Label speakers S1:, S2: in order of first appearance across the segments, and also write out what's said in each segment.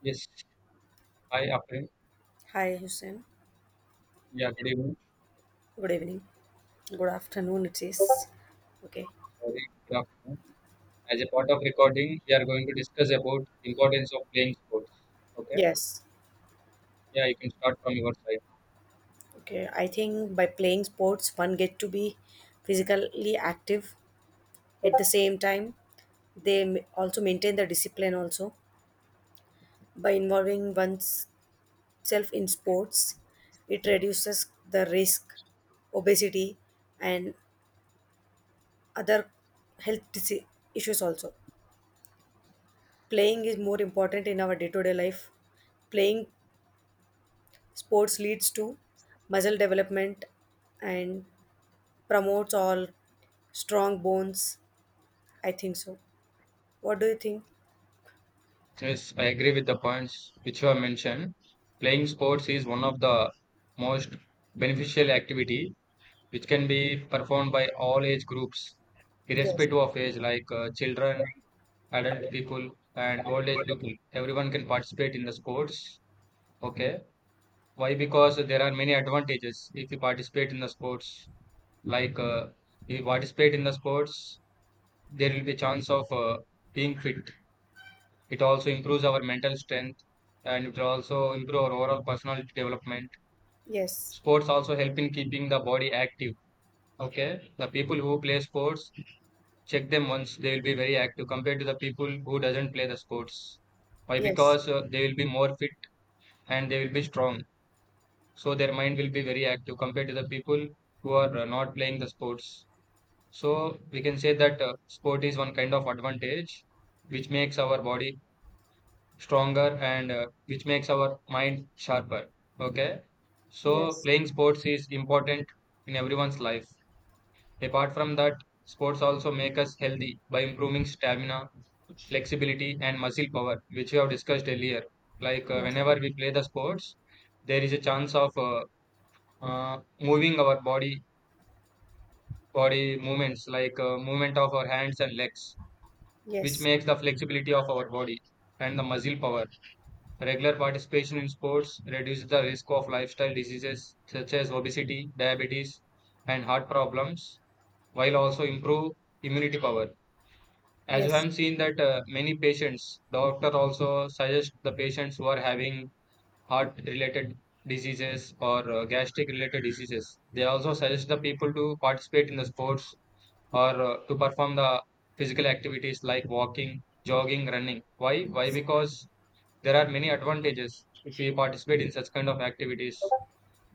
S1: Yes. Hi, Afrin.
S2: Hi, Hussein.
S1: Yeah, good evening.
S2: Good evening. Good afternoon, it is. Okay.
S1: Sorry, good afternoon. As a part of recording, we are going to discuss about importance of playing sports. Okay.
S2: Yes.
S1: Yeah, you can start from your side.
S2: Okay. I think by playing sports, one get to be physically active. At the same time, they also maintain the discipline also. By involving oneself in sports, it reduces the risk, obesity, and other health dise- issues also. Playing is more important in our day-to-day life. Playing sports leads to muscle development and promotes all strong bones. I think so. What do you think?
S1: Yes, I agree with the points which you have mentioned. Playing sports is one of the most beneficial activity which can be performed by all age groups,
S2: Yes.
S1: irrespective of age, like children, adult people, and old age people. Everyone can participate in the sports. Okay. Why? Because there are many advantages if you participate in the sports. Like if you participate in the sports, there will be chance of being fit. It also improves our mental strength and it will also improve our overall personality development.
S2: Yes.
S1: Sports also help in keeping the body active. Okay, the people who play sports, check them once, they will be very active compared to the people who doesn't play the sports. Why?
S2: Yes.
S1: Because they will be more fit and they will be strong. So their mind will be very active compared to the people who are not playing the sports. So we can say that sport is one kind of advantage which makes our body stronger and which makes our mind sharper. Okay, so
S2: Yes.
S1: playing sports is important in everyone's life. Apart from that, sports also make us healthy by improving stamina, flexibility, and muscle power, which we have discussed earlier. Like
S2: Yes.
S1: whenever we play the sports, there is a chance of moving our body movements like movement of our hands and legs, which
S2: Yes. Yes.
S1: makes the flexibility of our body and the muscle power. Regular participation in sports reduces the risk of lifestyle diseases such as obesity, diabetes, and heart problems, while also improve immunity power. As you
S2: Yes.
S1: have seen that many patients, doctor also suggest the patients who are having heart related diseases or gastric related diseases. They also suggest the people to participate in the sports or to perform the physical activities like walking, jogging, running. Why? Why?
S2: Yes.
S1: Because there are many advantages if we participate in such kind of activities.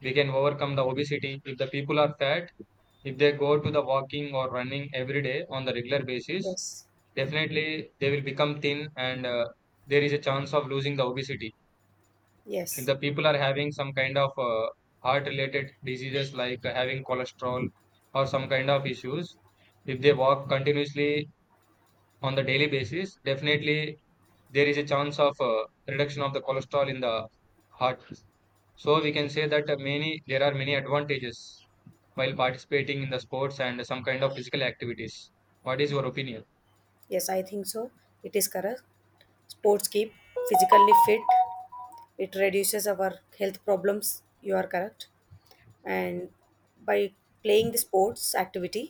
S1: We can overcome the obesity. If the people are fat, if they go to the walking or running every day on the regular basis, definitely they will become thin, and there is a chance of losing the obesity. If
S2: Yes.
S1: the people are having some kind of heart related diseases like having cholesterol or some kind of issues, if they walk continuously on the daily basis, definitely there is a chance of reduction of the cholesterol in the heart. So we can say that many there are many advantages while participating in the sports and some kind of physical activities. What is your opinion?
S2: Yes, I think so. It is correct. Sports keep physically fit. It reduces our health problems. You are correct. And by playing the sports activity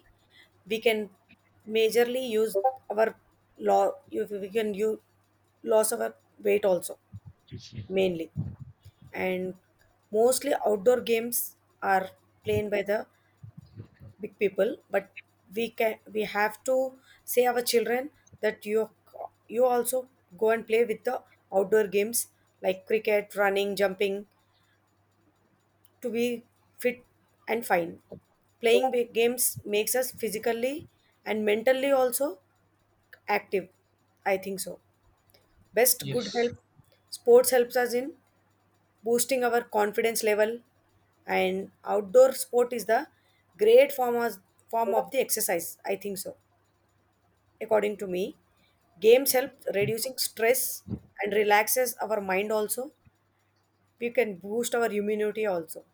S2: we can majorly use our law, we can use loss of our weight also, mainly. And mostly outdoor games are played by the big people, but we have to say our children that you also go and play with the outdoor games like cricket, running, jumping, to be fit and fine. Playing big games makes us physically and mentally also active. I think so. Best good
S1: Yes.
S2: health. Sports helps us in boosting our confidence level, and outdoor sport is the great form of, form of the exercise. I think so. According to me, games help reducing stress and relaxes our mind also. We can boost our immunity also.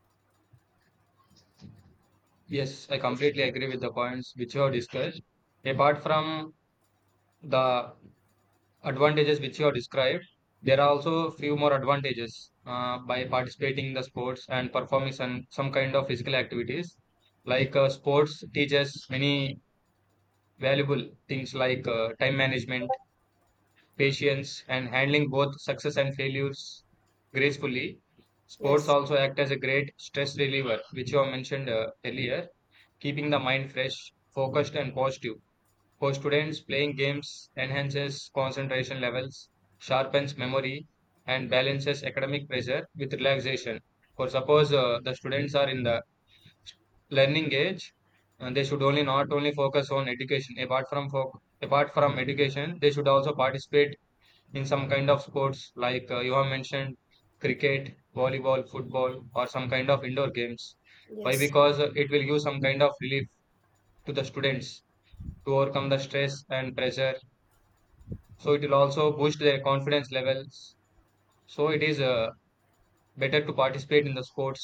S1: Yes, I completely agree with the points which you have discussed. Apart from the advantages which you have described, there are also few more advantages by participating in the sports and performing some kind of physical activities, like sports teaches many valuable things like time management, patience, and handling both success and failures gracefully. Sports
S2: Yes.
S1: also act as a great stress reliever, which you have mentioned earlier, keeping the mind fresh, focused, and positive. For students, playing games enhances concentration levels, sharpens memory, and balances academic pressure with relaxation. For suppose the students are in the learning age, and they should only not only focus on education. Apart from education, they should also participate in some kind of sports like you have mentioned cricket, volleyball, football, or some kind of indoor games. Why?
S2: Yes.
S1: Because it will give some kind of relief to the students to overcome the stress and pressure. So it will also boost their confidence levels. So it is better to participate in the sports,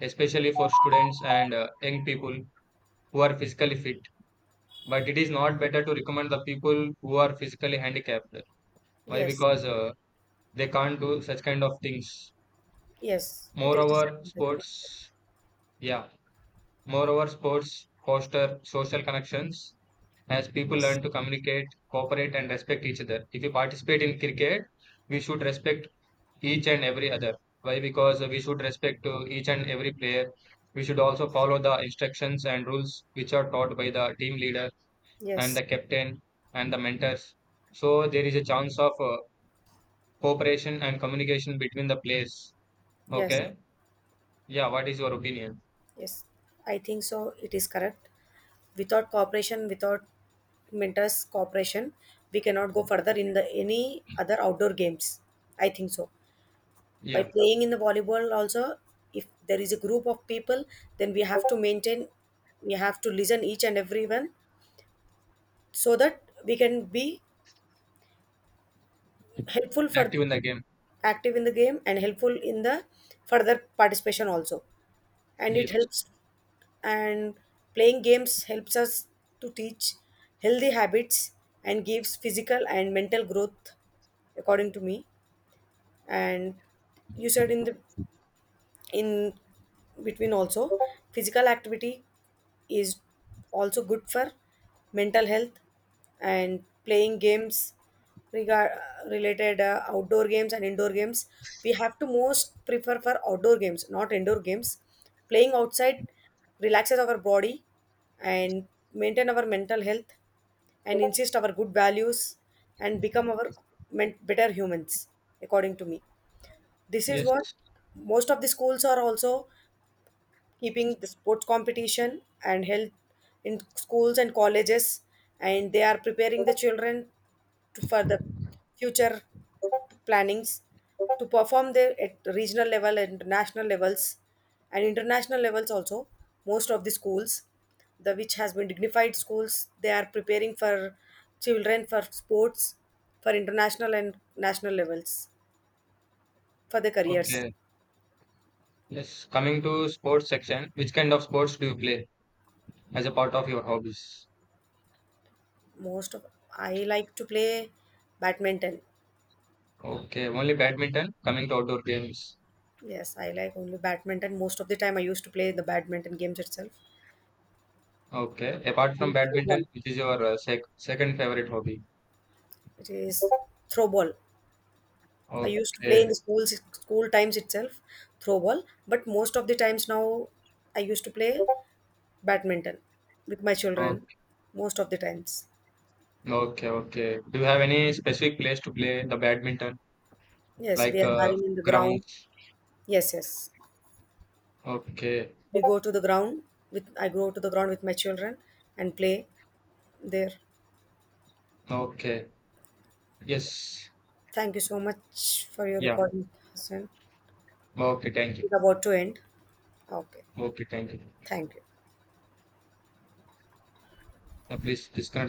S1: especially for students and young people who are physically fit, but it is not better to recommend the people who are physically handicapped. Why?
S2: Yes.
S1: Because they can't do such kind of things.
S2: Yes, it is
S1: Moreover
S2: disadvantage. But
S1: sports Yeah. Moreover, sports foster social connections, as people
S2: yes,
S1: learn to communicate, cooperate, and respect each other. If you participate in cricket, we should respect each and every other. Why? Because we should respect to each and every player. We should also follow the instructions and rules which are taught by the team leader and the
S2: yes,
S1: captain and the mentors. So there is a chance of cooperation and communication between the players.
S2: yes,
S1: Okay. Yeah. What is your opinion?
S2: yes. I think so. It is correct. Without cooperation, without mentors' cooperation, we cannot go further in the any other outdoor games. I think so. By
S1: Yeah.
S2: playing in the volleyball also, if there is a group of people, then we have to listen each and everyone so that we can be helpful for
S1: Active in the game.
S2: active in the game and helpful in the further participation also. And it
S1: Yes.
S2: helps. And playing games helps us to teach healthy habits and gives physical and mental growth, according to me. And you said in the in between also, physical activity is also good for mental health. And playing games, regard related outdoor games and indoor games, we have to most prefer for outdoor games, not indoor games. Playing outside relaxes our body and maintain our mental health and insist our good values and become our better humans, according to me. This is
S1: Yes.
S2: what most of the schools are also keeping, the sports competition and health in schools and colleges, and they are preparing the children for the future plannings to perform there at regional level and national levels and international levels also. Most of the schools, the which has been dignified schools, they are preparing for children for sports for international and national levels, for the careers.
S1: Okay. Yes. Coming to sports section, which kind of sports do you play as a part of your hobbies?
S2: Most of, I like to play badminton.
S1: Okay. Only badminton. Coming to outdoor games.
S2: Yes, I like only badminton. Most of the time I used to play the badminton games itself.
S1: Okay. Apart from
S2: And throw
S1: badminton,
S2: ball.
S1: which is your second favorite hobby?
S2: It is throw ball. I used to play in
S1: Okay.
S2: the school times itself. Throw ball. But most of the times now I used to play badminton with my children,
S1: Okay.
S2: most of the times.
S1: Okay. Okay. Do you have any specific place to play the badminton?
S2: Yes, we
S1: Like
S2: are having in the ground.
S1: grounds?
S2: Yes, yes,
S1: Okay.
S2: we go to the ground. With I go to the ground with my children and play there.
S1: Okay. Yes.
S2: Thank you so much for your
S1: Yeah.
S2: recording, Hassan.
S1: Okay. Thank you.
S2: It's about to end. Okay.
S1: Okay. Thank you.
S2: Thank you.
S1: Now please disconnect.